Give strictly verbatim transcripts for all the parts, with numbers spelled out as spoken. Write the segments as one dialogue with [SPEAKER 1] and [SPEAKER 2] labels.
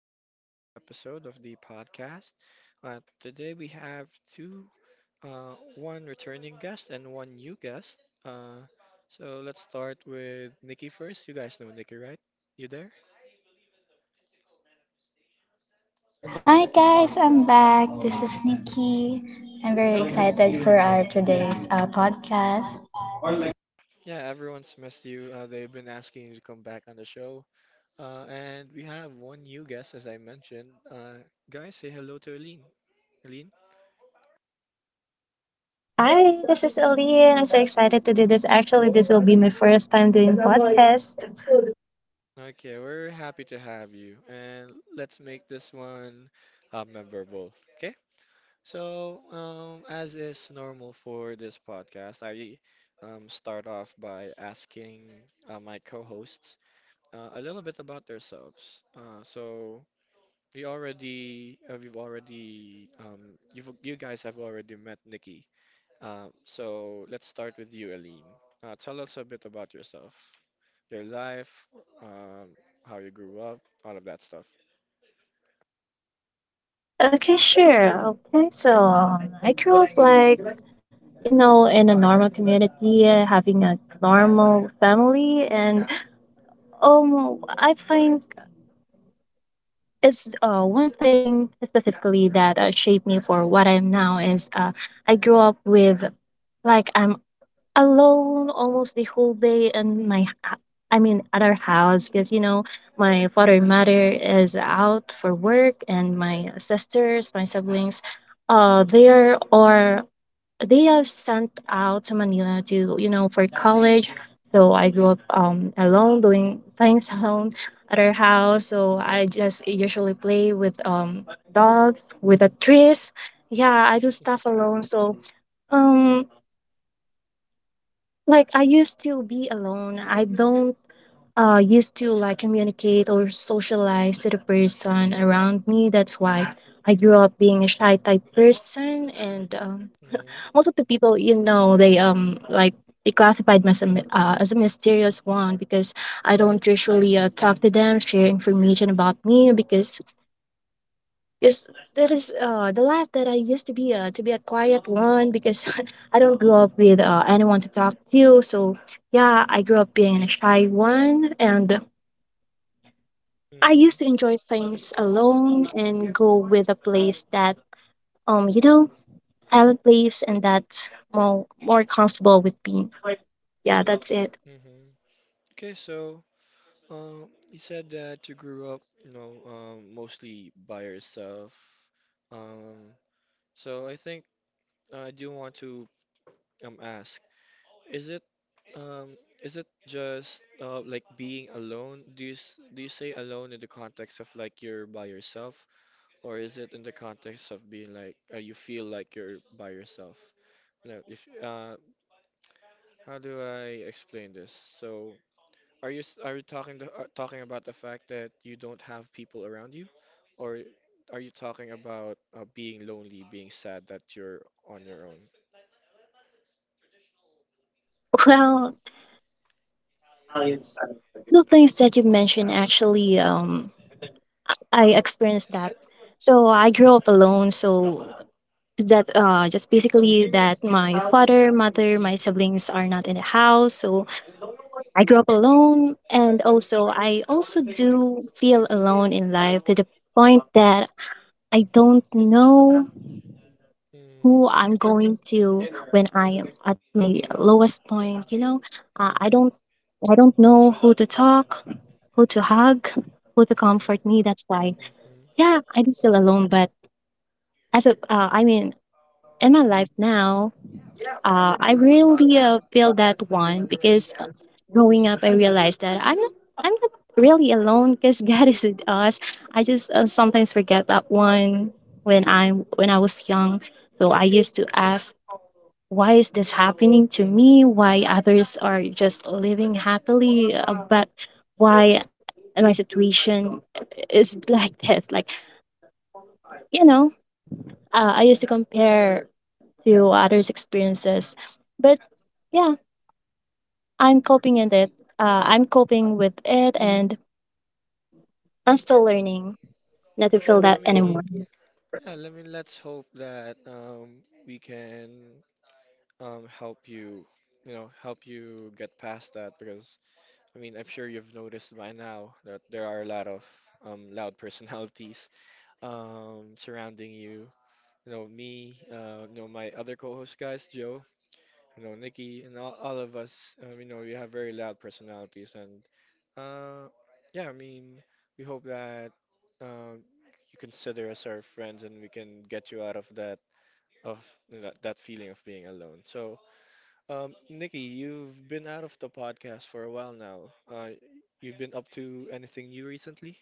[SPEAKER 1] to another episode of the podcast. Uh, today we have two, uh, one returning guest and one new guest. Uh, so let's start with Nikki first. You guys know Nikki, right? You there?
[SPEAKER 2] Hi guys, I'm back. This is Nikki. I'm very excited for our today's uh, podcast.
[SPEAKER 1] Yeah, everyone's missed you. Uh, they've been asking you to come back on the show. Uh, and we have one new guest, as I mentioned. Uh, guys, say hello to Aline. Aline?
[SPEAKER 3] Hi, this is Aline. I'm so excited to do this. Actually, this will be my first time doing podcast.
[SPEAKER 1] Okay, we're happy to have you, and let's make this one uh, memorable. Okay, so um, as is normal for this podcast, I um, start off by asking uh, my co-hosts uh, a little bit about themselves. Uh, so we already, uh, we've already, um, you've, you guys have already met Nikki. Uh, so let's start with you, Aline. Uh, tell us a bit about yourself, your life, um, how you grew up, all of that stuff.
[SPEAKER 3] Okay, sure. Okay, so um, I grew up, like, you know, in a normal community, uh, having a normal family, and um, I think it's uh one thing specifically that uh, shaped me for what I am now is uh I grew up with, like, I'm alone almost the whole day and my h- I mean at our house because, you know, my father and mother is out for work, and my sisters, my siblings, uh they are, or they are sent out to Manila to, you know, for college. So I grew up um alone doing things alone at our house, so I just usually play with um dogs, with the trees. Yeah, I do stuff alone, so um like, I used to be alone. I don't uh used to, like, communicate or socialize to the person around me. That's why I grew up being a shy type person. And um,
[SPEAKER 1] hmm
[SPEAKER 3] most of the people, you know, they, um like, they classified me as a, my- uh, as a mysterious one because I don't usually uh, talk to them, share information about me because yes, that is uh, the life that I used to be, uh, to be a quiet one because I don't grow up with uh, anyone to talk to. So yeah, I grew up being a shy one, and I
[SPEAKER 1] hmm
[SPEAKER 3] used to enjoy things alone and go with a place that, um you know, silent place, and that's more more comfortable with me. Yeah, that's it.
[SPEAKER 1] hmm Okay, so um, you said that you grew up, you know, um, mostly by yourself. Um, so I think uh, I do want to um, ask, is it um, is it just uh, like being alone? Do you s- do you say alone in the context of like you're by yourself, or is it in the context of being like uh, you feel like you're by yourself? No, if uh, how do I explain this? So, are you s- are you talking to, uh, talking about the fact that you don't have people around you, or are you talking about uh, being lonely, being sad that you're on your own?
[SPEAKER 3] Well, the things that you mentioned, actually, um I experienced that. So I grew up alone, so that uh just basically that my father, mother, my siblings are not in the house, so I grew up alone. And also, I also do feel alone in life, to the point that I don't know
[SPEAKER 1] Mm-hmm.
[SPEAKER 3] who I'm going to when I am at my lowest point, you know. Uh, i
[SPEAKER 1] Mm-hmm.
[SPEAKER 3] don't, i don't know who to talk, who to hug, who to comfort me. That's why,
[SPEAKER 1] Mm-hmm.
[SPEAKER 3] yeah, I do feel alone. But as a uh, I mean, in my life now, Uh, I really uh, feel that one because uh, growing up, I realized that I'm not, I'm not really alone because God is with us. I just uh, sometimes forget that one when I am when I was young. So I used to ask, why is this happening to me? Why others are just living happily, uh, but why my situation is like this? Like, you know, uh, I used to compare to others' experiences, but yeah, I'm coping in it. Uh, I'm coping with it, and I'm still learning not to feel
[SPEAKER 1] Yeah, I
[SPEAKER 3] that anymore.
[SPEAKER 1] mean, Yeah, let me let's hope that um, we can um, help you, you know, help you get past that because I mean, I'm sure you've noticed by now that there are a lot of um, loud personalities um, surrounding you. You know, me, uh, you know, my other co-host guys, Joe, you know, Nikki, and all, all of us, um, you know, we have very loud personalities and uh, yeah, I mean, we hope that um, you consider us our friends and we can get you out of that of that, that feeling of being alone. So, um, Nikki, you've been out of the podcast for a while now. Uh, you've been up to anything new recently?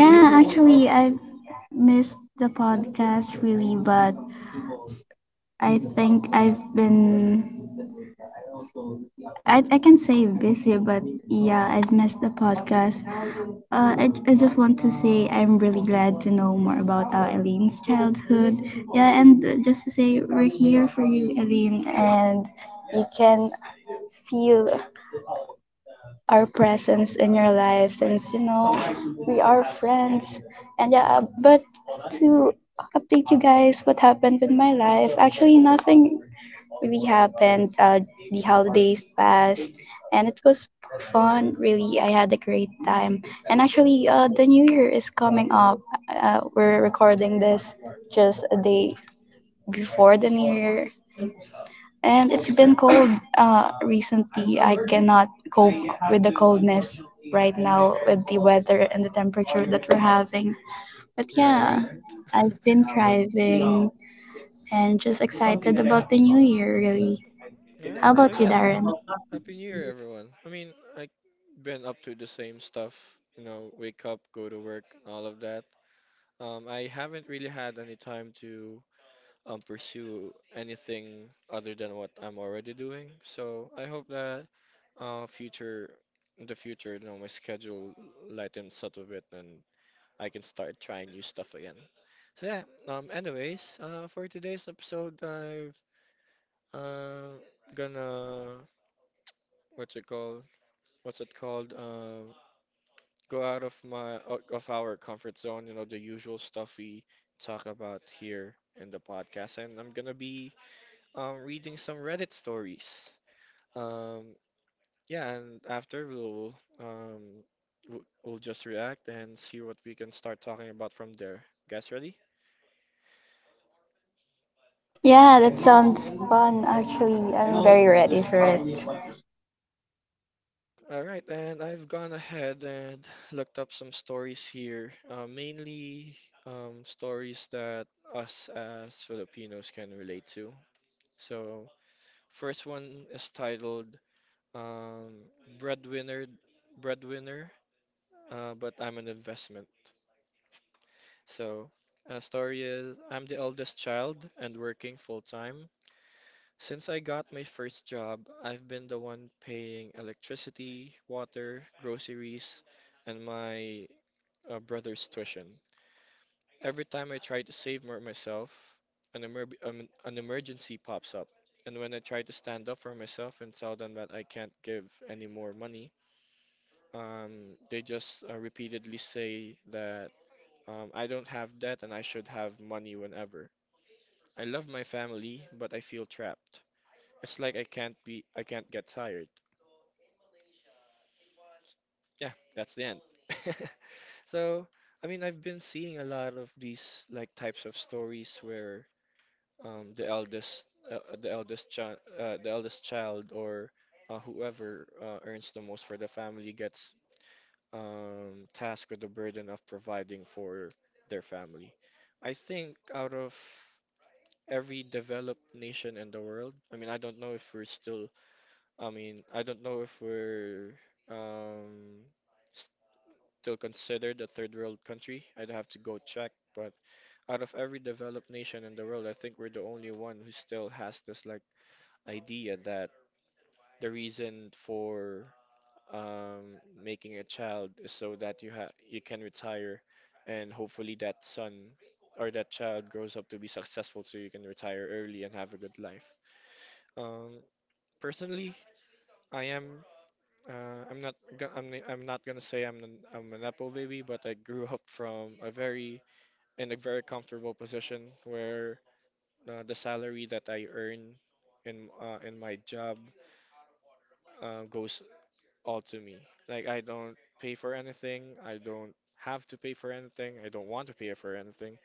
[SPEAKER 2] Yeah, actually, I missed the podcast really, but I think I've been I, I can say busy, but yeah, I've missed the podcast. Uh, I, I just want to say I'm really glad to know more about uh, Eileen's childhood. Yeah, and uh, just to say we're here for you, Eileen, and you can feel our presence in your life since you know we are friends. And yeah, uh, but to update you guys what happened with my life, actually nothing really happened. Uh, the holidays passed and it was fun really. I had a great time, and actually uh, the new year is coming up. Uh, we're recording this just a day before the new year, and it's been cold uh, recently. I cannot cope with the coldness right now with the weather and the temperature that we're having. But
[SPEAKER 1] Yeah,
[SPEAKER 2] yeah,
[SPEAKER 1] right?
[SPEAKER 2] I've been thriving and just excited about the new year, really.
[SPEAKER 1] All
[SPEAKER 2] How
[SPEAKER 1] right. Oh,
[SPEAKER 2] about you,
[SPEAKER 1] yeah.
[SPEAKER 2] Darren?
[SPEAKER 1] Happy New Year, everyone. I mean, I have been up to the same stuff, you know, wake up, go to work, all of that. Um, I haven't really had any time to um, pursue anything other than what I'm already doing. So I hope that uh, future in the future, you know, my schedule lightens up a bit and I can start trying new stuff again. So yeah, um, anyways, uh, for today's episode, I've uh, gonna what's it called? What's it called? Um, go out of my o- of our comfort zone. You know, the usual stuff we talk about here in the podcast, and I'm gonna be um, reading some Reddit stories. Um, yeah, and after we'll um, w- we'll just react and see what we can start talking about from there. Guys, ready?
[SPEAKER 2] Yeah, that sounds fun actually. I'm very ready for it.
[SPEAKER 1] All right, and I've gone ahead and looked up some stories here, uh, mainly um, stories that us as Filipinos can relate to. So, first one is titled um, "Breadwinner, Breadwinner," uh, but I'm an investment. So, a story is I'm the eldest child and working full time. Since I got my first job, I've been the one paying electricity, water, groceries, and my uh, brother's tuition. Every time I try to save more myself, an, emer- um, an emergency pops up. And when I try to stand up for myself and tell them that I can't give any more money, um, they just uh, repeatedly say that um, I don't have debt and I should have money whenever. I love my family, but I feel trapped. It's like I can't be I can't get tired. Yeah, that's the end. So, I mean, I've been seeing a lot of these like types of stories where um, the eldest uh, the eldest child uh, the eldest child or uh, whoever uh, earns the most for the family gets um, tasked with the burden of providing for their family. I think out of every developed nation in the world, I mean, I don't know if we're still I mean, I don't know if we're um, still considered a third world country. I'd have to go check. But out of every developed nation in the world, I think we're the only one who still has this like idea that the reason for um, making a child is so that you ha you can retire, and hopefully that son or that child grows up to be successful so you can retire early and have a good life. Um, Personally, I am Uh, I'm not go- I'm ni- I'm not gonna say I'm an I'm an apple baby, but I grew up from a very in a very comfortable position where uh, the salary that I earn in uh, in my job uh, goes all to me. Like I don't pay for anything. I don't have to pay for anything. I don't want to pay for anything.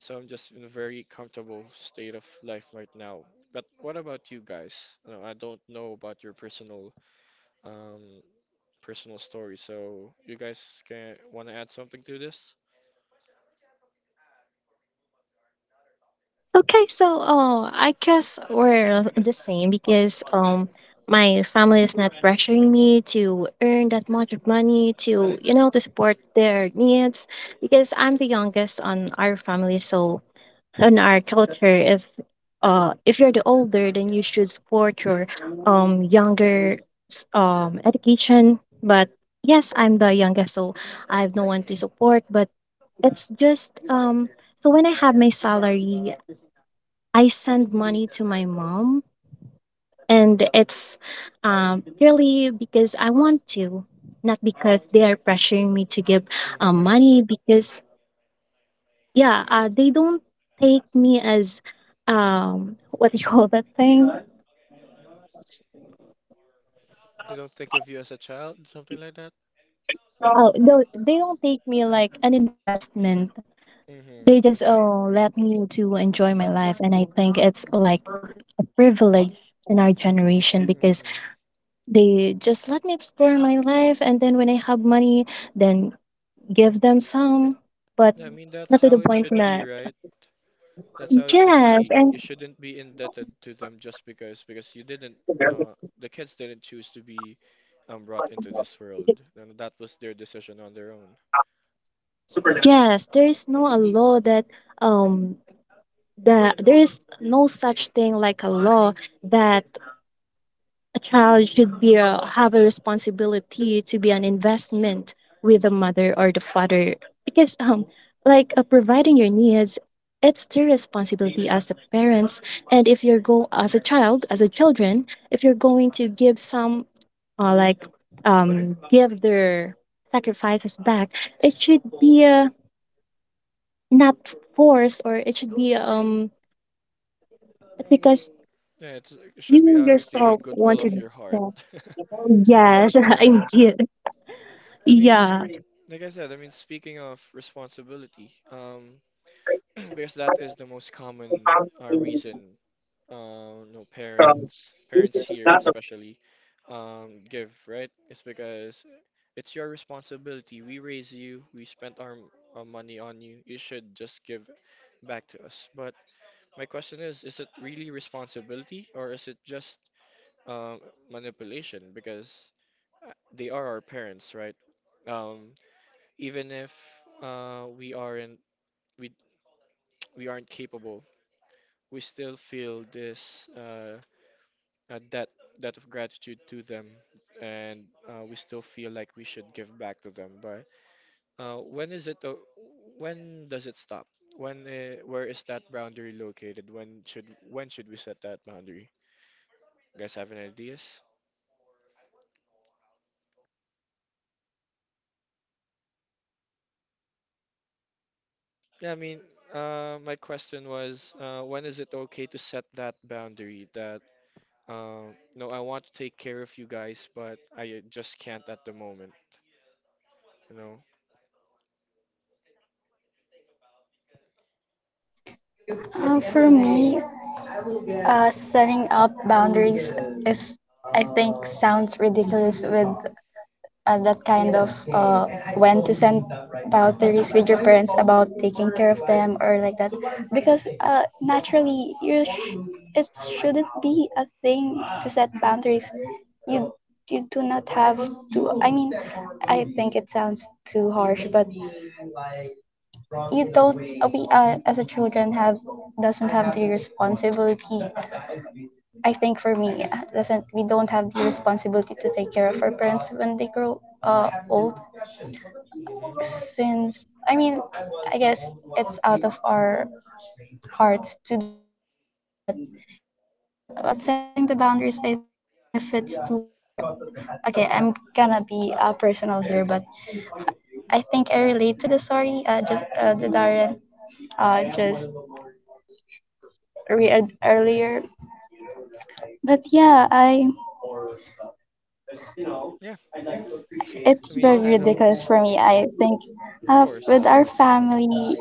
[SPEAKER 1] So I'm just in a very comfortable state of life right now. But what about you guys? No, I don't know about your personal um personal story. So you guys can want to add something to this?
[SPEAKER 3] Okay, so, oh, I guess we're the same because, um, my family is not pressuring me to earn that much of money to, you know, to support their needs because I'm the youngest on our family. So in our culture, if uh if you're the older, then you should support your um younger s- um education. But yes, I'm the youngest, so I have no one to support. But it's just, um so when I have my salary, I send money to my mom, and it's um purely because I want to, not because they are pressuring me to give um,
[SPEAKER 1] hmm
[SPEAKER 3] money. Because yeah, uh, they don't take me as um what do you call that thing?
[SPEAKER 1] They don't think of you as a child, something like that?
[SPEAKER 3] Oh, no, they don't take me like an investment. They
[SPEAKER 1] hmm
[SPEAKER 3] just,
[SPEAKER 1] Okay.
[SPEAKER 3] oh, let me to enjoy my life, and I think it's like a privilege in our generation because
[SPEAKER 1] hmm
[SPEAKER 3] they just let me explore my life, and then when I have money, then give them some, but
[SPEAKER 1] I mean,
[SPEAKER 3] not
[SPEAKER 1] that's
[SPEAKER 3] to the
[SPEAKER 1] how it
[SPEAKER 3] point
[SPEAKER 1] should be,
[SPEAKER 3] that
[SPEAKER 1] right? That's how it should
[SPEAKER 3] yes,
[SPEAKER 1] be.
[SPEAKER 3] and
[SPEAKER 1] You shouldn't be indebted to them just because because you didn't uh the kids didn't choose to be um brought into this world. And that was their decision on their own.
[SPEAKER 3] yes, there is no a law that um that there is no such thing like a law that a child should be a, have a responsibility to be an investment with the mother or the father, because um like, uh, providing your needs, it's their responsibility as the parents. And if you're go as a child, as a children, if you're going to give some, uh, like um give their sacrifices back, it should be, uh, not forced, or it should be, um it's because
[SPEAKER 1] Yeah, it's, it should be
[SPEAKER 3] you
[SPEAKER 1] out of the
[SPEAKER 3] yourself
[SPEAKER 1] goodwill of
[SPEAKER 3] wanted
[SPEAKER 1] your heart.
[SPEAKER 3] that. Yes,
[SPEAKER 1] Yeah.
[SPEAKER 3] I did.
[SPEAKER 1] I mean,
[SPEAKER 3] Yeah.
[SPEAKER 1] like I said, I mean speaking of responsibility, um because that is the most common uh, reason. Uh, no parents, Parents here especially, um, give right. It's because it's your responsibility. We raise you. We spent our, our money on you. You should just give back to us. But my question is, is it really responsibility or is it just um, manipulation? Because uh, they are our parents, right? Um, Even if uh, we aren't we we aren't capable we still feel this uh, uh, debt debt of gratitude to them, and uh, we still feel like we should give back to them. But uh, when is it? Uh, when does it stop? When? Uh, where is that boundary located? When should when should we set that boundary? You guys have any ideas? Yeah, I mean, uh, my question was, uh, when is it okay to set that boundary that uh, no, I want to take care of you guys, but I uh, just can't at the moment. You know.
[SPEAKER 2] Uh, for me, uh, setting up boundaries is, I think, sounds ridiculous with and that kind of uh, when to send boundaries with your parents about taking care of them or like that because uh, naturally you sh- it shouldn't be a thing to set boundaries. You you do not have to. I mean, I think it sounds too harsh, but you don't uh, we uh, as a children have doesn't have the responsibility. I think for me uh, doesn't we don't have the responsibility to take care of our parents when they grow uh, old
[SPEAKER 1] hmm
[SPEAKER 2] since I mean, I guess it's out of our hearts to do that, but yeah, uh, with setting the boundaries, I think if it's too far, okay, I'm gonna be uh, personal here, but I think I relate to the story, uh, just uh, the Darren, uh, just re- uh, earlier. But yeah, I
[SPEAKER 1] Yeah.
[SPEAKER 2] it's
[SPEAKER 1] I
[SPEAKER 2] very
[SPEAKER 1] mean, I don't.
[SPEAKER 2] ridiculous for me. I think
[SPEAKER 1] Of
[SPEAKER 2] uh, with
[SPEAKER 1] course.
[SPEAKER 2] our family,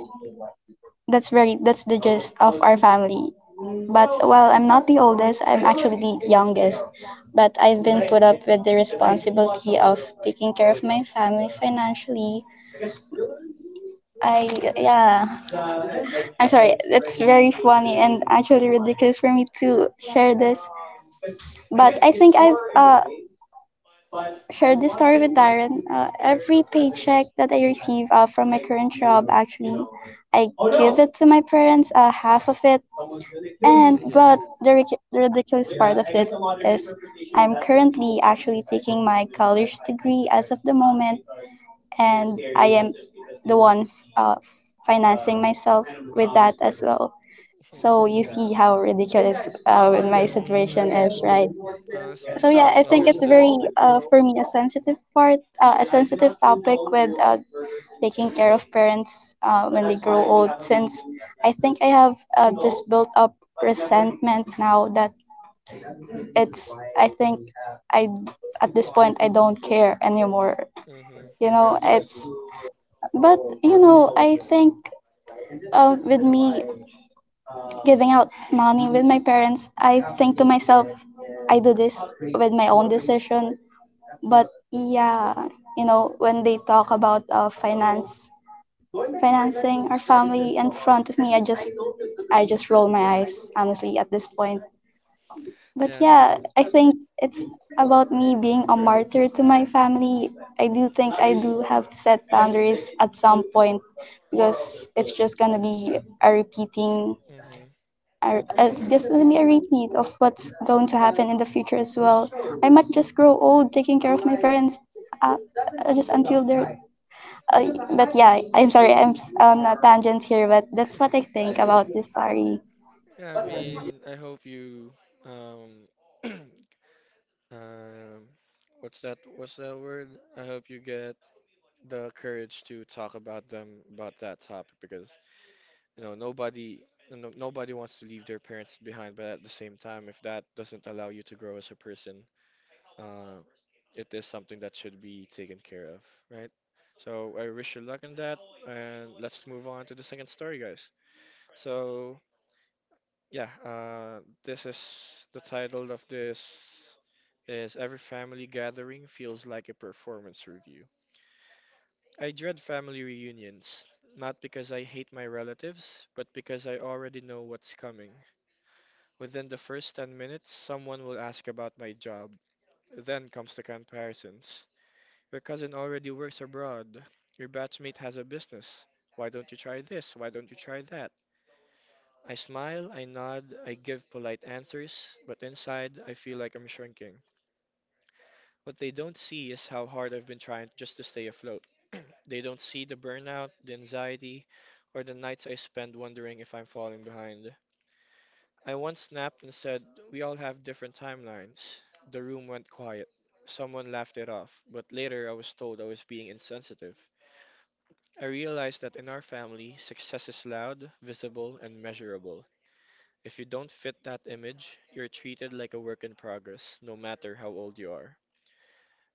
[SPEAKER 2] that's very that's the gist of our family. But while I'm not the oldest, I'm actually the youngest. But I've been put up with the responsibility of taking care of my family financially. I, yeah, I'm sorry, it's very funny and actually ridiculous for me to share this. But I think I've uh, shared this story with Darren. Uh, every paycheck that I receive uh, from my current job, actually, I give it to my parents, uh, half of it. And
[SPEAKER 1] Yeah.
[SPEAKER 2] but the ridic- ridiculous part of it is I'm currently actually taking my college degree as of the moment, and I am the one uh, financing myself with that as well. So
[SPEAKER 1] Mhm.
[SPEAKER 2] you see how ridiculous uh,
[SPEAKER 1] Yeah.
[SPEAKER 2] my
[SPEAKER 1] I mean, I
[SPEAKER 2] situation
[SPEAKER 1] don't.
[SPEAKER 2] is, right?
[SPEAKER 1] Honestly,
[SPEAKER 2] So
[SPEAKER 1] just
[SPEAKER 2] yeah, I
[SPEAKER 1] don't
[SPEAKER 2] think it's very
[SPEAKER 1] understand.
[SPEAKER 2] uh, for me a sensitive part, uh, a sensitive topic with uh, taking care of parents uh, when they grow old since I think I have uh, this built up resentment now that it's I think I at this point I don't care anymore. You
[SPEAKER 1] Mm-hmm.
[SPEAKER 2] know,
[SPEAKER 1] Gotcha.
[SPEAKER 2] it's but you know I think uh, with me giving out money with my parents I think to myself I do this with my own decision. But yeah, you know when they talk about uh, finance financing our family in front of me i just I just roll my eyes, honestly, at this point. But
[SPEAKER 1] Yeah.
[SPEAKER 2] yeah, I think it's about me being a martyr to my family. I do think I do have to set boundaries at some point because it's just gonna be a repeating.
[SPEAKER 1] Mm-hmm.
[SPEAKER 2] a- It's just gonna be a repeat of what's going to happen in the future as well. I might just
[SPEAKER 1] Mm-hmm.
[SPEAKER 2] grow old taking care of my parents, uh, uh, just
[SPEAKER 1] I
[SPEAKER 2] until
[SPEAKER 1] mean,
[SPEAKER 2] they're. Uh, but yeah, I'm sorry, I'm s- on a tangent here, but that's what I think about this story.
[SPEAKER 1] yeah, I mean, I hope you, um, um, what's that? What's that word? I hope you get the courage to talk about them about that topic because you know nobody no, nobody wants to leave their parents behind but at the same time if that doesn't allow you to grow as a person uh, it is something that should be taken care of, right? So I wish you luck in that, and let's move on to the second story, guys. So yeah, uh, this is the title of this is every family gathering feels like a performance review. I dread family reunions, not because I hate my relatives, but because I already know what's coming. Within the first ten minutes, someone will ask about my job. Then comes the comparisons. Your cousin already works abroad. Your batchmate has a business. Why don't you try this? Why don't you try that? I smile, I nod, I give polite answers, but inside I feel like I'm shrinking. What they don't see is how hard I've been trying just to stay afloat. They don't see the burnout, the anxiety, or the nights I spend wondering if I'm falling behind. I once snapped and said, we all have different timelines. The room went quiet. Someone laughed it off, but later I was told I was being insensitive. I realized that in our family, success is loud, visible, and measurable. If you don't fit that image, you're treated like a work in progress, no matter how old you are.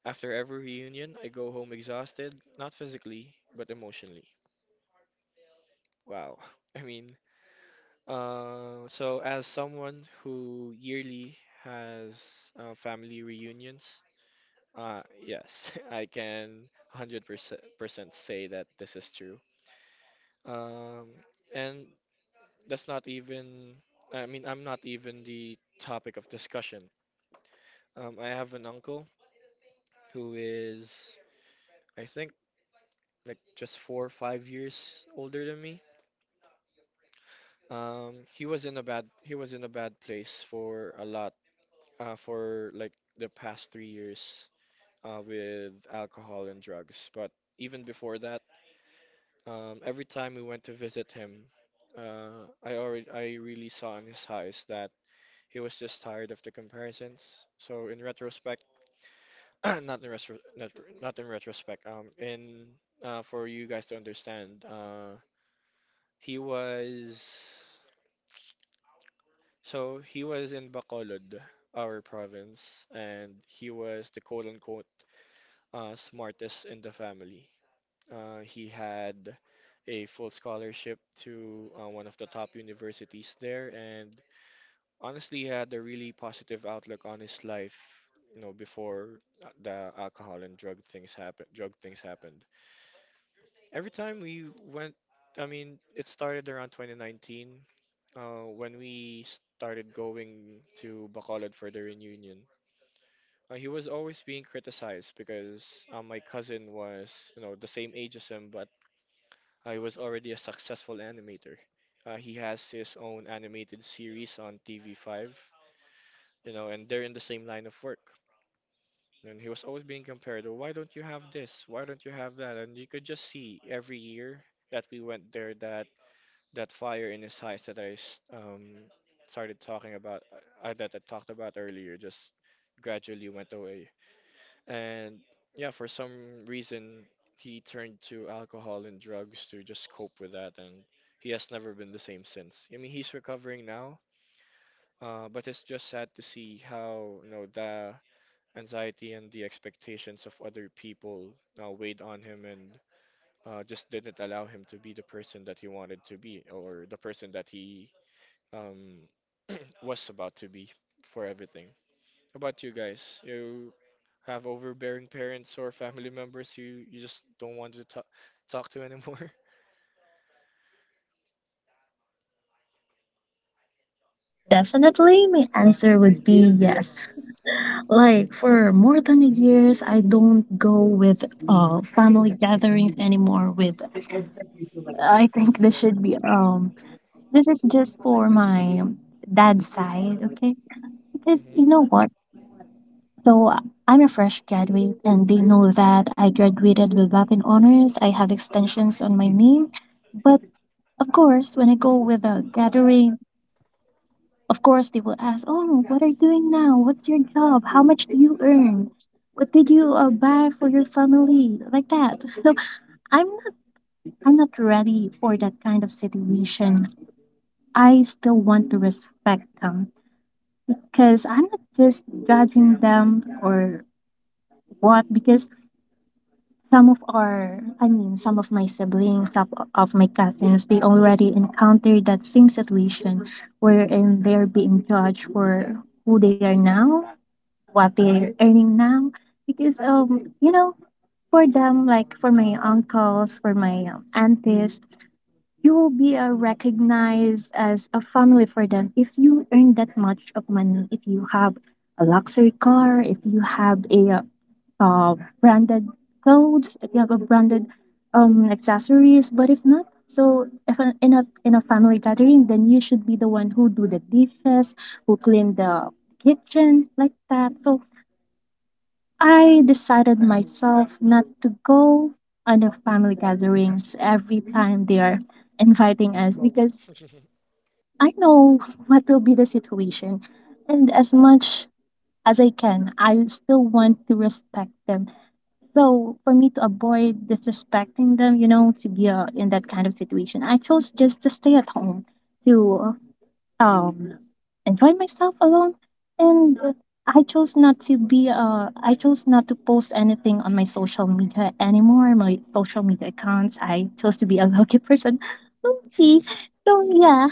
[SPEAKER 1] After every reunion, I go home exhausted, not physically, but emotionally. Wow. I mean, uh, so as someone who yearly has uh, family reunions, uh, yes, I can 100% percent percent say that this is true. Um, and that's not even, I mean, I'm not even the topic of discussion. Um, I have an uncle who is, I think, like just four or five years older than me. Um, he was in a bad, he was in a bad place for a lot, uh, for like the past three years. Uh, with alcohol and drugs. But even before that, um, every time we went to visit him, uh, I already I really saw in his eyes that he was just tired of the comparisons. So in retrospect, not in retro, not, not in retrospect. Um, in uh, For you guys to understand, uh, he was so he was in Bacolod, our province, and he was the quote unquote uh, smartest in the family. Uh, he had a full scholarship to uh, one of the top universities there, and honestly, he had a really positive outlook on his life. You know, before uh, the alcohol and drug things happened, drug things happened. Every time we went, I mean, it started around twenty nineteen uh, when we started going to Bacolod for the reunion, uh, he was always being criticized because uh, my cousin was, you know, the same age as him, but I was already a successful animator. Uh, he has his own animated series on T V five, you know, and they're in the same line of work. And he was always being compared, "Oh, why don't you have this? Why don't you have that?" And you could just see every year that we went there that that fire in his eyes, that I s- um, started talking about, uh, that I talked about earlier, just gradually went away. And yeah, for some reason, he turned to alcohol and drugs to just cope with that, and he has never been the same since. I mean, he's recovering now, uh, but it's just sad to see how, you know, the anxiety and the expectations of other people uh, weighed on him and uh, just didn't allow him to be the person that he wanted to be or the person that he um, was about to be for everything. How about you guys? You have overbearing parents or family members you you just don't want to talk talk to anymore?
[SPEAKER 3] Definitely, my answer would be yes. Like, for more than a years, I don't go with uh, family gatherings anymore. With, I think this should be, um this is just for my dad's side, okay? Because
[SPEAKER 1] Hmm.
[SPEAKER 3] you know what? So uh, I'm a fresh graduate, and they know that I graduated with Latin honors. I have extensions on my name, but of course, when I go with a gathering, of course they will ask, "Oh, what are you doing now? What's your job? How much do you earn? What did you uh, buy for your family?" Like that. So I'm not, I'm not ready for that kind of situation. I still want to respect them because I'm not just judging them or what. Because some of our, I mean, some of my siblings, some of my cousins, they already encountered that same situation, wherein they're being judged for who they are now, what they're earning now. Because, um, you know, for them, like for my uncles, for my um, aunties, you will be uh, recognized as a family for them if you earn that much of money, if you have a luxury car, if you have a uh, uh, branded clothes, if you have a branded um, accessories. But if not, so if a- in a, in a family gathering, then you should be the one who do the dishes, who clean the kitchen, like that. So I decided myself not to go on the family gatherings every time they are inviting us because I know what will be the situation. And as much as I can, I still want to respect them. So for me to avoid disrespecting them, you know, to be, uh, in that kind of situation, I chose just to stay at home to, uh, um enjoy myself alone. And uh, i chose not to be, uh i chose not to post anything on my social media anymore, my social media accounts. I chose to be a lucky person, okay? So yeah,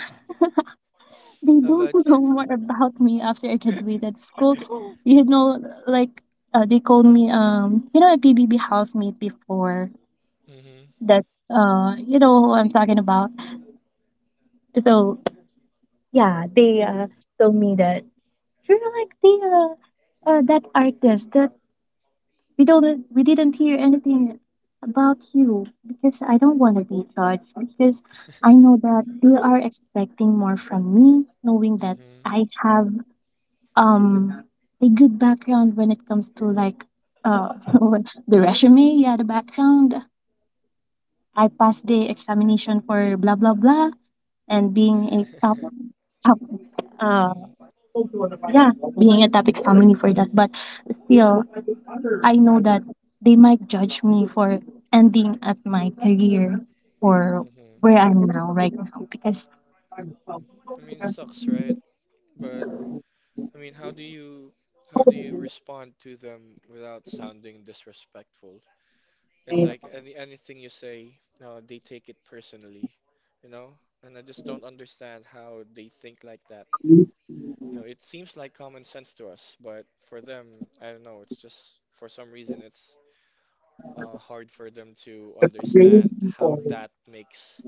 [SPEAKER 3] they
[SPEAKER 1] How
[SPEAKER 3] don't
[SPEAKER 1] about
[SPEAKER 3] know more about me after I graduated school, you know. Like, uh, they called me, um you know, a B B B housemate before.
[SPEAKER 1] Hmm.
[SPEAKER 3] That, uh you know who I'm talking about. So yeah, they,
[SPEAKER 1] Mm-hmm.
[SPEAKER 3] uh told me that you're like the, uh, uh, that artist that we don't we didn't hear anything about. You, because I don't want to be judged, because I know that they are expecting more from me, knowing that
[SPEAKER 1] Mm-hmm.
[SPEAKER 3] I have um a good background when it comes to, like, uh the resume, yeah, the background. I passed the examination for blah blah blah and being a top top uh, yeah, being a topic family for that. But still, I know that they might judge me for ending at my career, or where
[SPEAKER 1] Mm-hmm.
[SPEAKER 3] I'm now right now because
[SPEAKER 1] I mean, sucks, right? But I mean, how do you how do you respond to them without sounding disrespectful? It's like any anything you say, no, they take it personally, you know? And I just don't understand how they think like that. You know, it seems like common sense to us, but for them, I don't know, it's just for some reason it's uh, hard for them to understand how that makes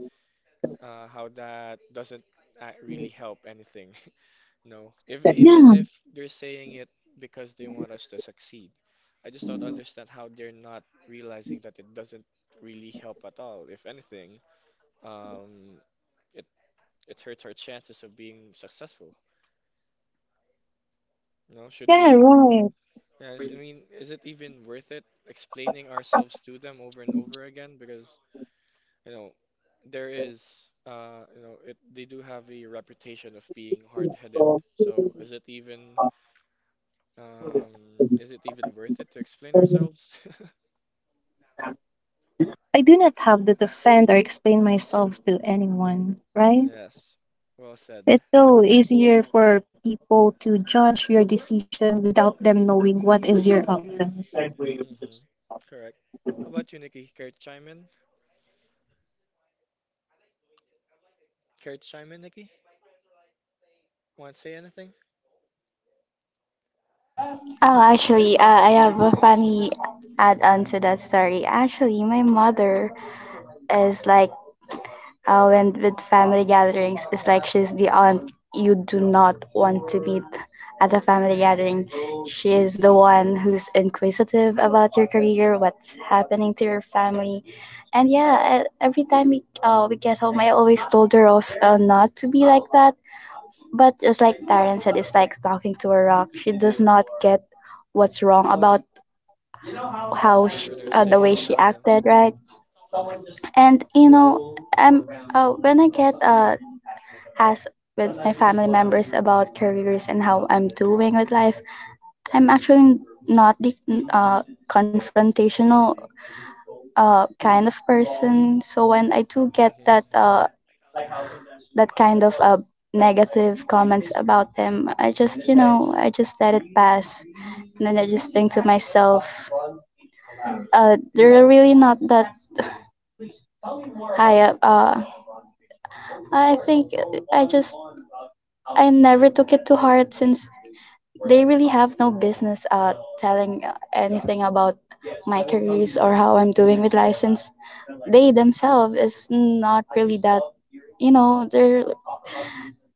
[SPEAKER 1] uh, how that doesn't ac- really help anything. No, if even
[SPEAKER 3] yeah.
[SPEAKER 1] if they're saying it because they want us to succeed, I just don't understand how they're not realizing that it doesn't really help at all. If anything, um, it it hurts our chances of being successful. No, should
[SPEAKER 3] Yeah,
[SPEAKER 1] we
[SPEAKER 3] right.
[SPEAKER 1] Yes, I mean, is it even worth it explaining ourselves to them over and over again? Because, you know, there is, uh, you know, it they do have a reputation of being hard-headed. So is it even, um, is it even worth it to explain ourselves?
[SPEAKER 3] I do not have to defend or explain myself to anyone, right?
[SPEAKER 1] Yes, well said.
[SPEAKER 3] It's so easier for people to judge your decision without them knowing what is your options.
[SPEAKER 1] Hmm. Correct. How about you, Nikki? Care to chime in? Care to chime in, Nikki? Want to say anything?
[SPEAKER 2] Oh, actually, uh, I have a funny add on to that story. Actually, my mother is like, uh, when with family gatherings, it's like she's the aunt you do not want to meet at a family gathering. She is the one who's inquisitive about your career, what's happening to your family. And yeah, e- every time we, uh, we get home, I always told her off uh, not to be like that. But just like Darren said, it's like talking to a rock. She does not get what's wrong about how she,
[SPEAKER 1] Whatever they're
[SPEAKER 2] uh, the way
[SPEAKER 1] saying,
[SPEAKER 2] she
[SPEAKER 1] yeah.
[SPEAKER 2] acted, right? And you know, I'm uh, when I get uh asked with my family members about careers and how I'm doing with life, I'm actually not the uh, confrontational uh, kind of person. So when I do get
[SPEAKER 1] Hmm.
[SPEAKER 2] that uh, that kind of uh, negative comments about them, I just you know I just let it pass, and then I just think to myself, uh, they're really not that high up. Uh, I think uh, I just I never took it to heart since they really have no business uh telling uh, anything about my careers or how I'm doing with life since they themselves is not really that you know they're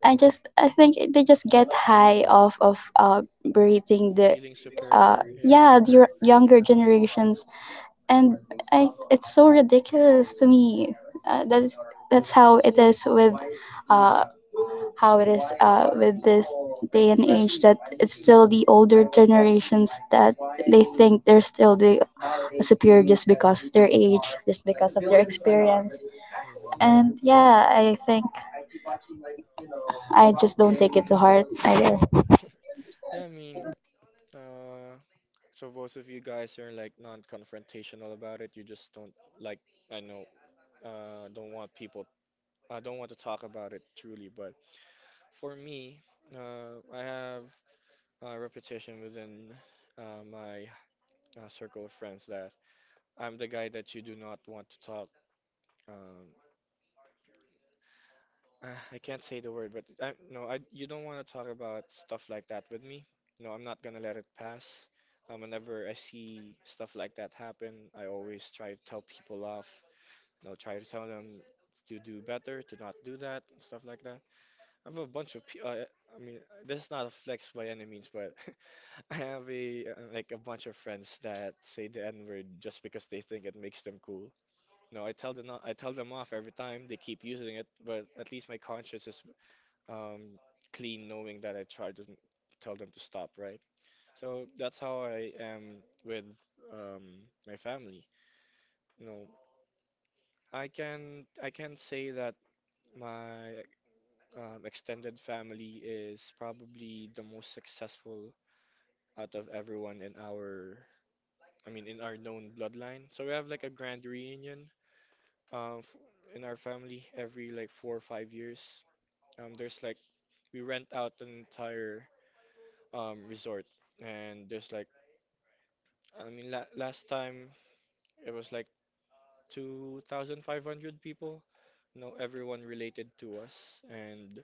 [SPEAKER 2] I just I think they just get high off of uh berating the
[SPEAKER 1] Feeling
[SPEAKER 2] uh
[SPEAKER 1] superior, yeah.
[SPEAKER 2] yeah the yo- younger generations. And I it's so ridiculous to me. uh, that's that's how it is with uh how it is uh, with this day and age that it's
[SPEAKER 1] Hmm.
[SPEAKER 2] still the older generations that they think they're still the superior just because of their age, just because of their experience.
[SPEAKER 1] Hmm.
[SPEAKER 2] And yeah, I think I just don't take it to heart, I guess.
[SPEAKER 1] Yeah, I mean, uh, so both of you guys are like non-confrontational about it. You just don't, like, I know, uh don't want people, I don't want to talk about it truly, but for me, uh I have a reputation within uh, my uh, circle of friends that I'm the guy that you do not want to talk um uh, I can't say the word, but I no, I you don't want to talk about stuff like that with me. No, I'm not gonna let it pass. Um, whenever I see stuff like that happen, I always try to tell people off, and I try to tell them to do better, to not do that, stuff like that. I have a bunch of pe- uh, I mean, this is not a flex by any means, but I have a uh, like a bunch of friends that say the N word just because they think it makes them cool. No, I tell them not, I tell them off every time they keep using it, but at least my conscience is um clean knowing that I tried to tell them to stop, right? So that's how I am with um my family. You know, I can I can say that my um, extended family is probably the most successful out of everyone in our, I mean, in our known bloodline. So we have like a grand reunion um, f- in our family every like four or five years. Um, there's like, we rent out an entire um, resort, and there's like, I mean, la last time it was like two thousand five hundred people. No, everyone related to us, and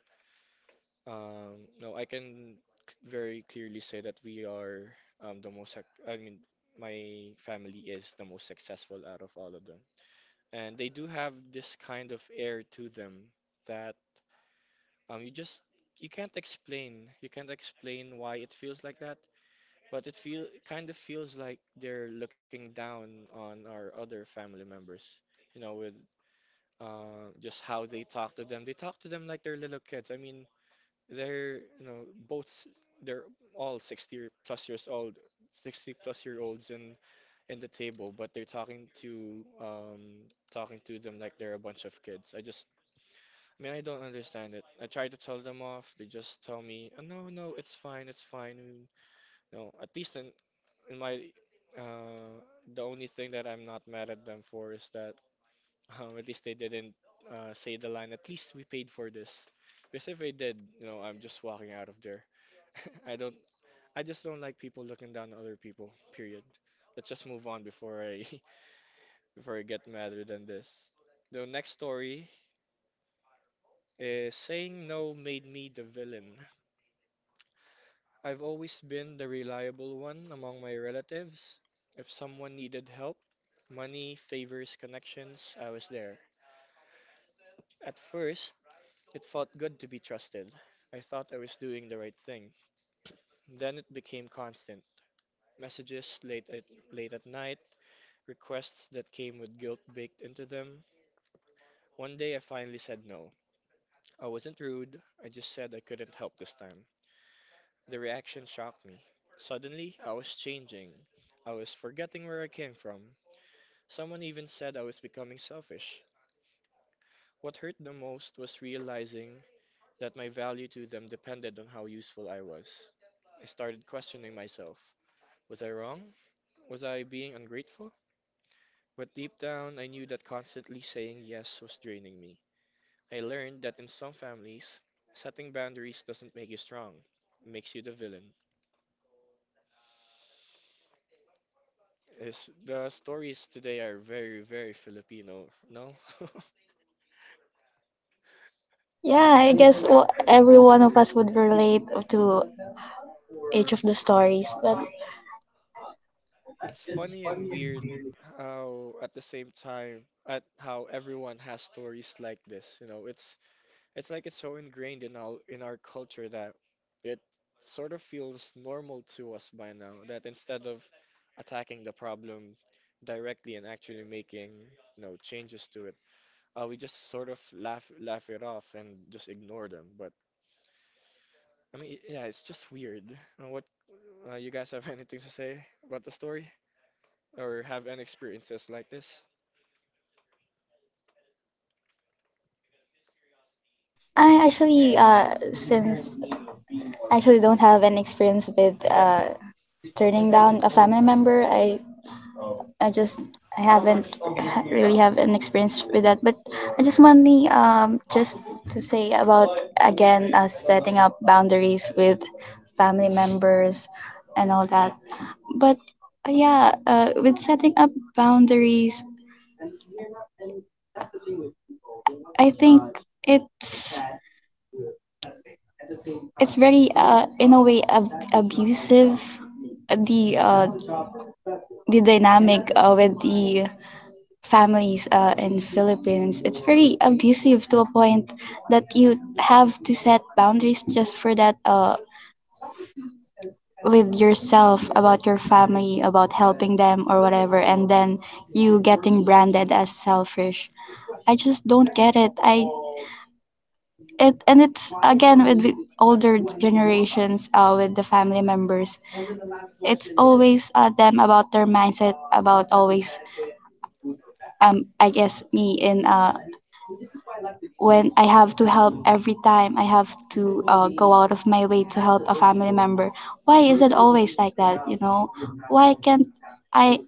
[SPEAKER 1] Um, no, I can c- very clearly say that we are um, the most, suc- I mean, my family is the most successful out of all of them. And they do have this kind of air to them that um, you just, you can't explain. You can't explain why it feels like that, but it feel kind of feels like they're looking down on our other family members, you know, with uh, just how they talk to them. They talk to them like they're little kids. I mean, they're, you know, both, s- they're all sixty year- plus years old, sixty plus year olds in in the table, but they're talking to um talking to them like they're a bunch of kids. I just, I mean, I don't understand it. I try to tell them off. They just tell me, "Oh, no, no, it's fine, it's fine." You know, at least in in my uh the only thing that I'm not mad at them for is that um, at least they didn't uh, say the line, "At least we paid for this." Because if they did, you know, I'm just walking out of there. I don't, I just don't like people looking down on other people, period. Let's just move on before I before I get madder than this. The next story is, "Saying no made me the villain." I've always been the reliable one among my relatives. If someone needed help, money, favors, connections, I was there. At first, it felt good to be trusted. I thought I was doing the right thing. Then it became constant. Messages late at, late at night, requests that came with guilt baked into them. One day I finally said no. I wasn't rude, I just said I couldn't help this time. The reaction shocked me. Suddenly, I was changing. I was forgetting where I came from. Someone even said I was becoming selfish. What hurt the most was realizing that my value to them depended on how useful I was. I started questioning myself. Was I wrong? Was I being ungrateful? But deep down, I knew that constantly saying yes was draining me. I learned that in some families, setting boundaries doesn't make you strong, it makes you the villain. It's, the stories today are very, very Filipino, no?
[SPEAKER 2] Yeah, I guess wha- every one of us would relate to each of the stories, but
[SPEAKER 1] It's funny and weird how at the same time at how everyone has stories like this, you know, it's it's like it's so ingrained in our in our culture that it sort of feels normal to us by now, that instead of attacking the problem directly and actually making, you know, changes to it, uh, we just sort of laugh laugh it off and just ignore them. But I mean, yeah, it's just weird. Uh, what, uh, you guys have anything to say about the story or have any experiences like this?
[SPEAKER 2] I actually, uh, since I actually don't have an experience with uh, turning down a family member, I I just I haven't ha- really have an experience with that, but I just want the um just to say about again uh, setting up boundaries with family members and all that. But uh, yeah, uh, with setting up boundaries, I think it's it's very uh in a way ab- abusive. uh, the
[SPEAKER 1] Mm-hmm.
[SPEAKER 2] uh the dynamic uh, with the families uh, in Philippines, it's very abusive to a point that you have to set boundaries just for that uh, with yourself about your
[SPEAKER 1] Mm-hmm.
[SPEAKER 2] family, about helping them or whatever, and then you getting branded as selfish. I just don't get it. I it and it's again with the older generations uh, with the family members. It's always uh, them about their mindset about always um I guess me in uh when I have to help every time I have to uh, go out of my way to help a family member. Why is it always like that? You know, why can't I?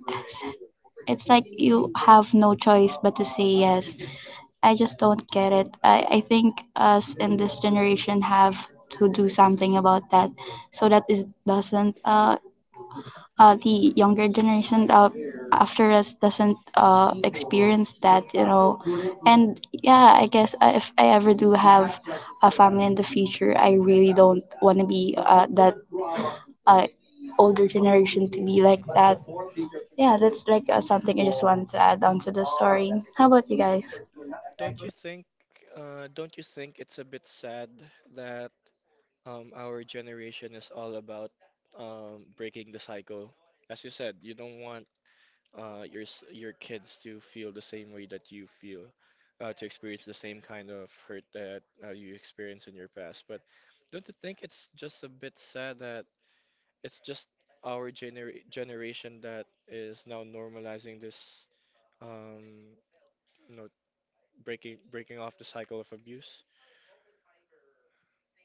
[SPEAKER 2] It's like you have no choice but to say yes.
[SPEAKER 1] Mm-hmm.
[SPEAKER 2] I just don't get it. I, I think us in this generation have to do something about that so that it doesn't uh, uh, the younger generation uh, after us doesn't uh, experience that, you know. And yeah, I guess uh, if I ever do have a family in the future I really don't want to be uh, that uh, older generation to be like that.
[SPEAKER 1] Mm-hmm.
[SPEAKER 2] Yeah, that's like uh, something I just wanted to add on to the story. How about you guys?
[SPEAKER 1] Don't you think uh, don't you think it's a bit sad that um, our generation is all about um, breaking the cycle? As you said, you don't want uh, your s- your kids to feel the same way that you feel, uh, to experience the same kind of hurt that uh, you experienced in your past. But don't you think it's just a bit sad that it's just our gener generation that is now normalizing this, um, you know, breaking breaking off the cycle of abuse?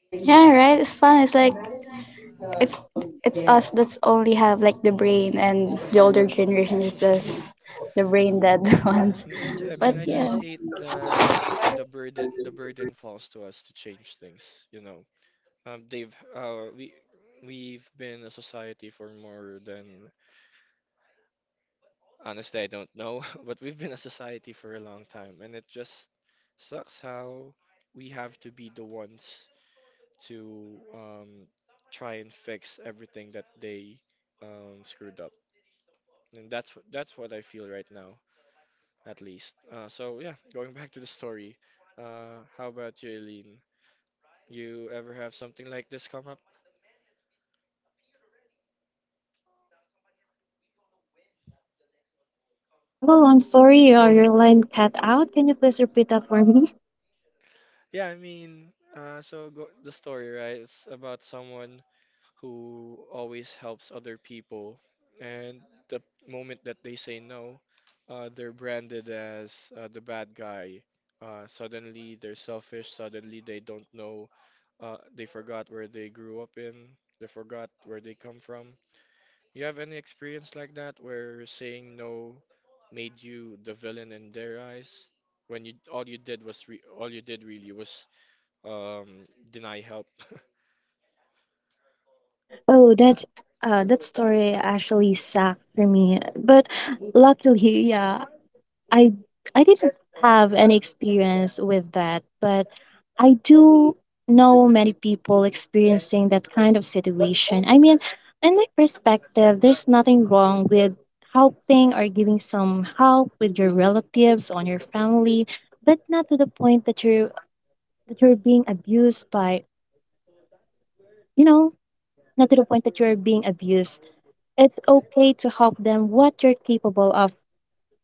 [SPEAKER 2] Yeah, right, it's fun. It's like it's it's us that's only have like the brain, and the older generation is just the
[SPEAKER 1] I
[SPEAKER 2] brain
[SPEAKER 1] mean,
[SPEAKER 2] dead
[SPEAKER 1] yeah,
[SPEAKER 2] ones.
[SPEAKER 1] I mean, I, ju- I
[SPEAKER 2] But
[SPEAKER 1] mean, I
[SPEAKER 2] yeah.
[SPEAKER 1] just hate that the burden the burden falls to us to change things, you know. Um, they've uh, we we've been a society for more than honestly I don't know, but we've been a society for a long time, and it just sucks how we have to be the ones to um, try and fix everything that they um, screwed up, and that's wh- that's what I feel right now, at least. Uh, so yeah, going back to the story, uh, how about you, Eileen? You ever have something like this come up?
[SPEAKER 3] Hello, I'm sorry, uh, your line cut out. Can you please repeat that for me?
[SPEAKER 1] Yeah, I mean, uh, so go, the story, right? It's about someone who always helps other people, and the moment that they say no, uh, they're branded as uh, the bad guy. Uh, suddenly, they're selfish. Suddenly, they don't know. Uh, they forgot where they grew up in. They forgot where they come from. You have any experience like that where saying no made you the villain in their eyes? When you all you did was re all you did really was um deny help.
[SPEAKER 3] Oh, that's uh, that story actually sucked for me. But luckily, yeah, I I didn't have any experience with that. But I do know many people experiencing that kind of situation. I mean, in my perspective, there's nothing wrong with helping or giving some help with your relatives on your family, but not to the point that you're that you're being abused by, you know, not to the point that you're being abused. It's okay to help them what you're capable of,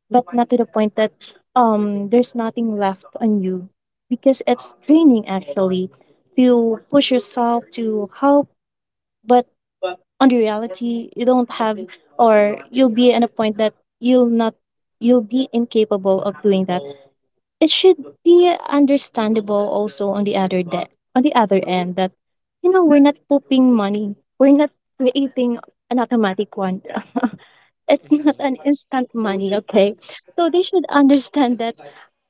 [SPEAKER 3] but not to the point that um there's nothing left on you, because it's draining, actually, to push yourself to help, but on the reality you don't have, or you'll be at a point that you'll not you'll be incapable of doing that. It should be understandable also on the other de- on the other end that, you know, we're not pooping money, we're not creating an automatic one. It's not
[SPEAKER 1] Hmm.
[SPEAKER 3] an instant money, okay? So they should understand that,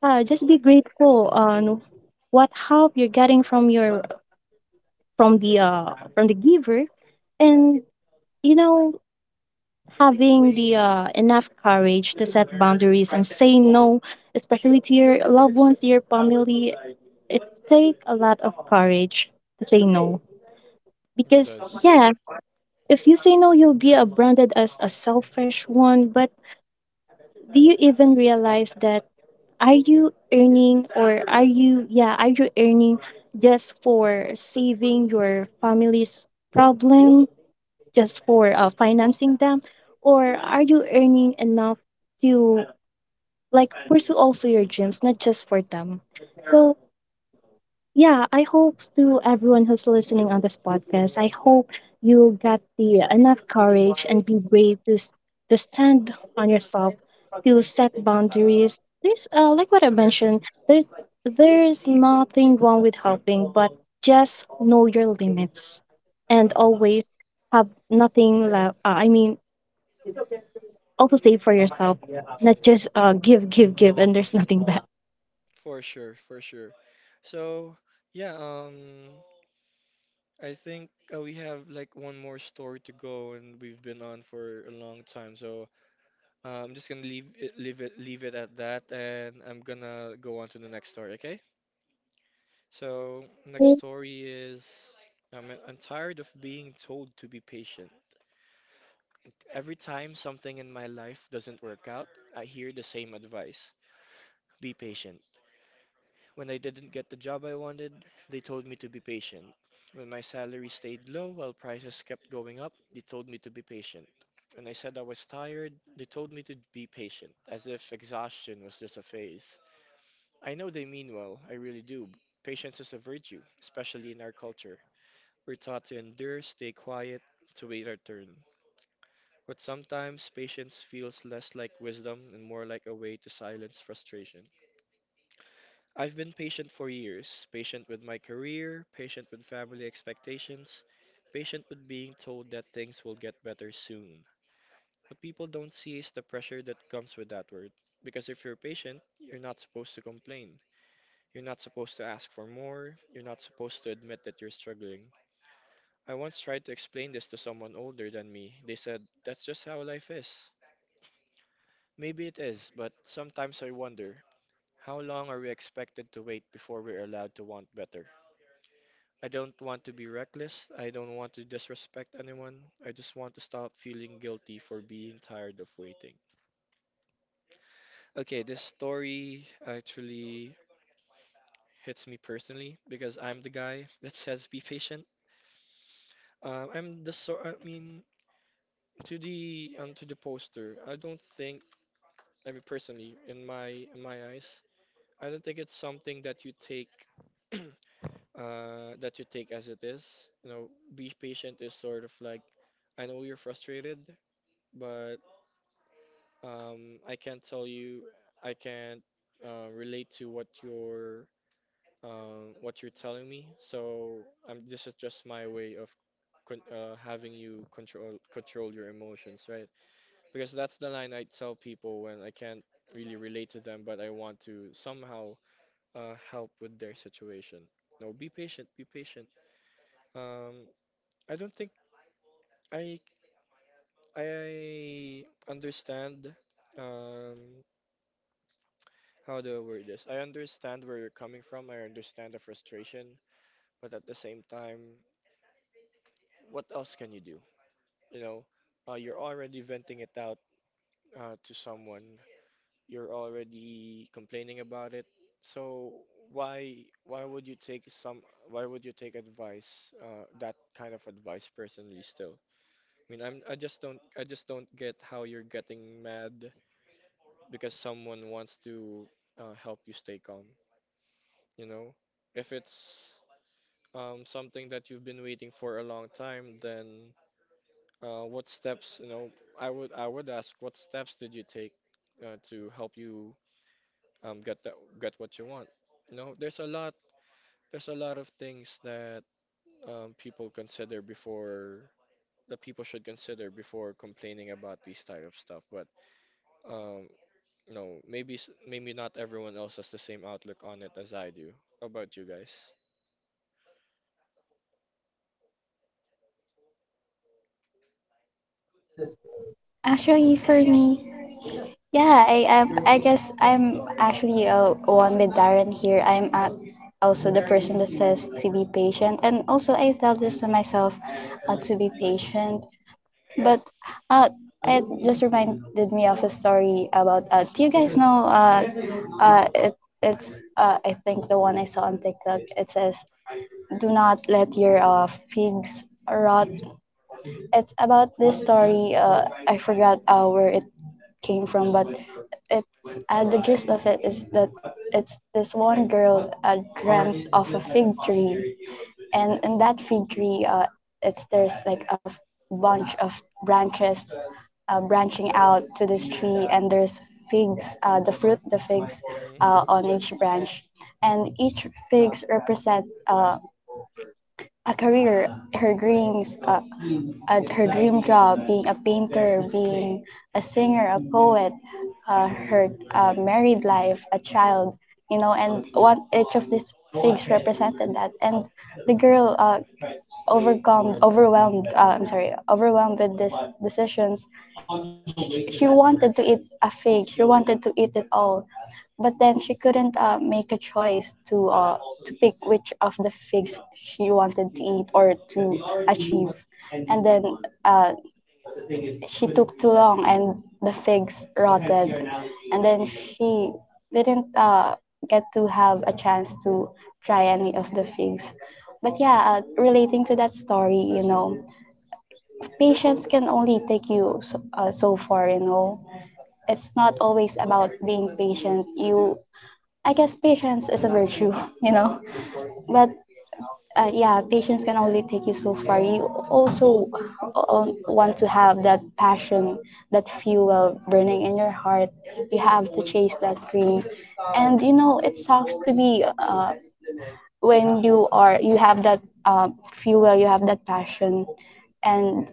[SPEAKER 3] uh, just be grateful on what help you're getting from your, from the uh, from the giver. And, you know, having the, uh, enough courage to set boundaries and say no, especially to your loved ones, your family, it take a lot of courage to say no,
[SPEAKER 1] It
[SPEAKER 3] because
[SPEAKER 1] does.
[SPEAKER 3] yeah, if you say no, you'll be uh, branded as a selfish one. But do you even realize that are you earning or are you, yeah, are you earning just for saving your family's problem, just for uh, financing them, or are you earning enough to, like, pursue also your dreams, not just for them? So yeah, I hope to everyone who's listening on this podcast, I hope you got the enough courage and be brave to s- to stand on yourself, to set boundaries. There's, uh, like what I mentioned, There's there's nothing wrong with helping, but just know your limits and
[SPEAKER 1] Hmm.
[SPEAKER 3] always have nothing left. Uh, I mean, also save for yourself, not just, uh, give, give, give, and there's nothing back.
[SPEAKER 1] For sure, for sure. So, yeah, um I think uh, we have like one more story to go and we've been on for a long time. So, uh, I'm just gonna leave it leave it leave it at that, and I'm gonna go on to the next story, okay? So, next story is I'm, I'm tired of being told to be patient. Every time something in my life doesn't work out, I hear the same advice. Be patient. When I didn't get the job I wanted, they told me to be patient. When my salary stayed low while prices kept going up, they told me to be patient. When I said I was tired, they told me to be patient, as if exhaustion was just a phase. I know they mean well, I really do. Patience is a virtue, especially in our culture. We're taught to endure, stay quiet, to wait our turn. But sometimes patience feels less like wisdom and more like a way to silence frustration. I've been patient for years, patient with my career, patient with family expectations, patient with being told that things will get better soon. What people don't see is the pressure that comes with that word. Because if you're patient, you're not supposed to complain. You're not supposed to ask for more. You're not supposed to admit that you're struggling. I once tried to explain this to someone older than me. They said, "That's just how life is." Maybe it is, but sometimes I wonder, how long are we expected to wait before we're allowed to want better? I don't want to be reckless. I don't want to disrespect anyone. I just want to stop feeling guilty for being tired of waiting. Okay, this story actually hits me personally because I'm the guy that says be patient. Um, I'm the so I mean, to the um, to the poster, I don't think, I mean personally, in my in my eyes, I don't think it's something that you take uh that you take as it is. You know, be patient is sort of like, I know you're frustrated, but um I can't tell you, I can't uh, relate to what you're um what you're telling me. So um this is just my way of con uh, having you control control your emotions, right? Because that's the line I tell people when I can't really relate to them, but I want to somehow uh, help with their situation. No, be patient, be patient. Um, I don't think I I understand, um how do I word this? I understand where you're coming from. I understand the frustration, but at the same time, what else can you do? You know, uh, you're already venting it out uh, to someone. You're already complaining about it. So why why would you take some why would you take advice, uh, that kind of advice personally still? I mean, I'm I just don't I just don't get how you're getting mad because someone wants to uh, help you stay calm, you know? If it's um, something that you've been waiting for a long time, then uh, what steps, you know, I would I would ask what steps did you take uh, to help you um, get that get what you want? You know, there's a lot there's a lot of things that um, people consider before that people should consider before complaining about these type of stuff, but um, no, maybe s- maybe not everyone else has the same outlook on it as I do. How about you guys?
[SPEAKER 2] Actually, for me, yeah, I am. I guess I'm actually uh, one with Darren here. I'm uh, also the person that says to be patient, and also I tell this to myself uh, to be patient. But uh, it just reminded me of a story about. Uh, do you guys know? Uh, uh, it, it's uh, I think the one I saw on TikTok. It says, "Do not let your uh, figs rot." It's about this story. Uh, I forgot uh, where it came from, but it's uh, the gist of it is that it's this one girl uh, dreamt of a fig tree, and in that fig tree, uh, it's there's like a f- bunch of branches uh, branching out to this tree, and there's figs, uh, the fruit, the figs
[SPEAKER 1] Mm-hmm.
[SPEAKER 2] uh, on each branch, and each figs represent uh, a career, her dreams, uh, uh, her dream job, being a painter, being a singer, a poet, uh, her uh, married life, a child, you know, and one each of these figs represented that. And the girl uh, overcome, overwhelmed, uh, I'm sorry, overwhelmed with these decisions. She, she wanted to eat a fig. She wanted to eat it all. But then she couldn't uh, make a choice to uh, to pick which of the figs she wanted to eat or to achieve. And then uh, she took too long and the figs rotted. And then she didn't uh, get to have a chance to try any of the figs. But yeah, uh, relating to that story, you know, patience can only take you so, uh, so far, you know. It's not always about being patient. You I guess patience is a virtue, you know. But uh, yeah, patience can only take you so far. You also uh, want to have that passion, that fuel burning in your heart. You have to chase that dream, and you know it sucks to be uh, when you are you have that uh, fuel, you have that passion, and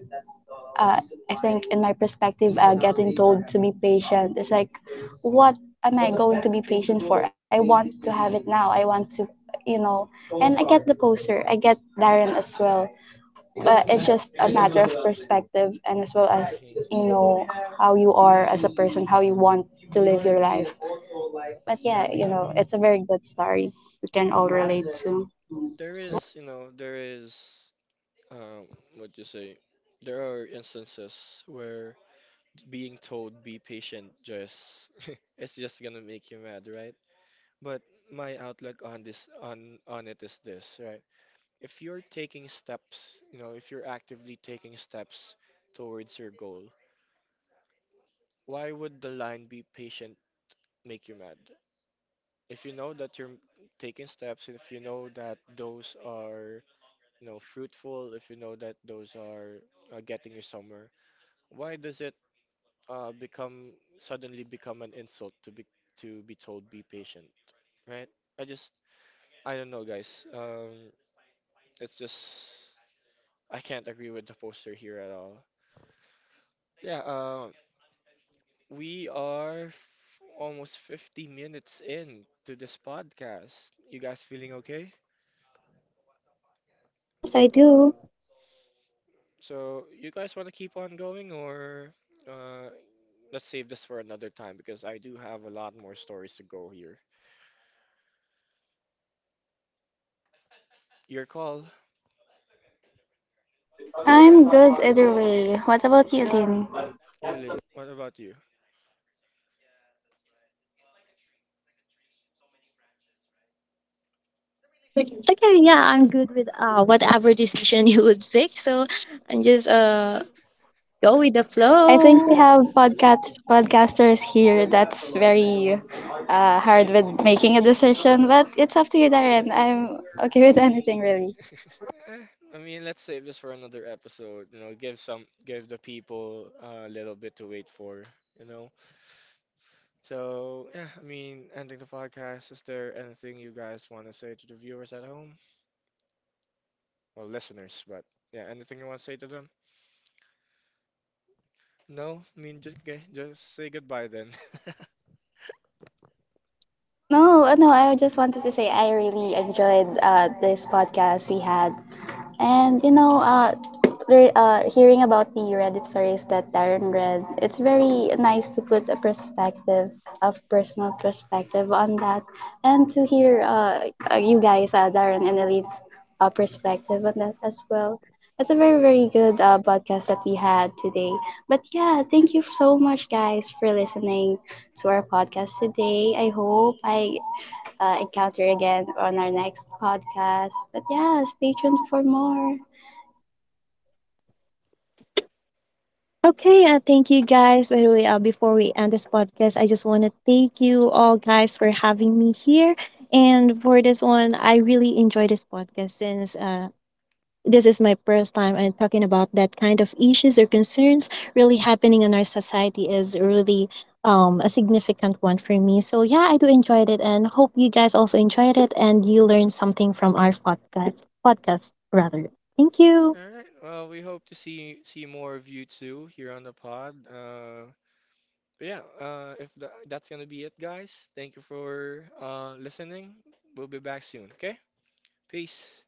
[SPEAKER 2] uh, I think in my perspective, uh, getting told to be patient is like, what am I going to be patient for? I want to have it now. I want to, you know. And I get the poser. I get Darren as well. But it's just a matter of perspective and as well as,
[SPEAKER 1] Mm-hmm.
[SPEAKER 2] you know, how you are as a person, how you want to live your life. But
[SPEAKER 1] Yeah, I
[SPEAKER 2] yeah, you
[SPEAKER 1] mean,
[SPEAKER 2] know, it's a very good story. I'll
[SPEAKER 1] mm,
[SPEAKER 2] relate to.
[SPEAKER 1] there is, you know, there is, um, what you say, there are instances where being told be patient just it's just gonna make you mad, right? But my outlook on this on on it is this, right? If you're taking steps, you know, if you're actively taking steps towards your goal, why would the line be patient make you mad? If you know that you're taking steps, if you know that those are, you know, fruitful, if you know that those are uh, getting you somewhere, why does it uh, become suddenly become an insult to be to be told be patient, right? I just, I don't know, guys. Um, it's just, I can't agree with the poster here at all. Yeah, uh, we are f almost fifty minutes in to this podcast. You guys feeling okay?
[SPEAKER 3] Yes, I do.
[SPEAKER 1] So, you guys want to keep on going, or uh, let's save this for another time because I do have a lot more stories to go here. Your call.
[SPEAKER 2] I'm good either way. What about you, Lynn?
[SPEAKER 1] You li what about you?
[SPEAKER 3] Okay, yeah, I'm good with uh, whatever decision you would pick. So I'm just, uh, go with the
[SPEAKER 2] I think
[SPEAKER 3] flow.
[SPEAKER 2] we have podcast podcasters here that's very uh, hard with making a decision, but it's up to you, Darren. I'm okay with anything really.
[SPEAKER 1] Eh, I mean, let's save this for another episode. You know, give some, give the people uh, a little bit to wait for, you know. So, yeah, I mean, ending the podcast, is there anything you guys want to say to the viewers at home? Well, listeners, but yeah, anything you want to say to them? No? I mean, just, okay, just say goodbye then.
[SPEAKER 2] No, uh, no, I just wanted to say I really enjoyed uh, this podcast we had. And you know, uh, re- uh, hearing about the Reddit stories that Darren read, it's very nice to put a perspective, a personal perspective on that, and to hear uh, uh, you guys, uh, Darren and Elite's uh, perspective on that as well. It's a very,
[SPEAKER 1] Mhm.
[SPEAKER 2] very good uh, podcast that we had today. But yeah, thank you so much, guys, for listening to our podcast today. I hope I uh, encounter again on our next podcast. But yeah, stay tuned for more.
[SPEAKER 3] Okay, uh, thank you, guys. By the way, uh, before we end this podcast, I just want to thank you all guys for having me here. And for this one, I really enjoy this podcast since, uh, this is my first time and talking about that kind of issues or concerns really happening in our society is really, um, a significant one for me. So yeah, I do enjoy it and hope you guys also enjoyed it and you learned something from our podcast. Podcast rather. Thank you.
[SPEAKER 1] All right. Well, we hope to see see more of you too here on the pod. Uh, but yeah, uh, if tha that's gonna be it, guys. Thank you for uh listening. We'll be back soon. Okay? Peace.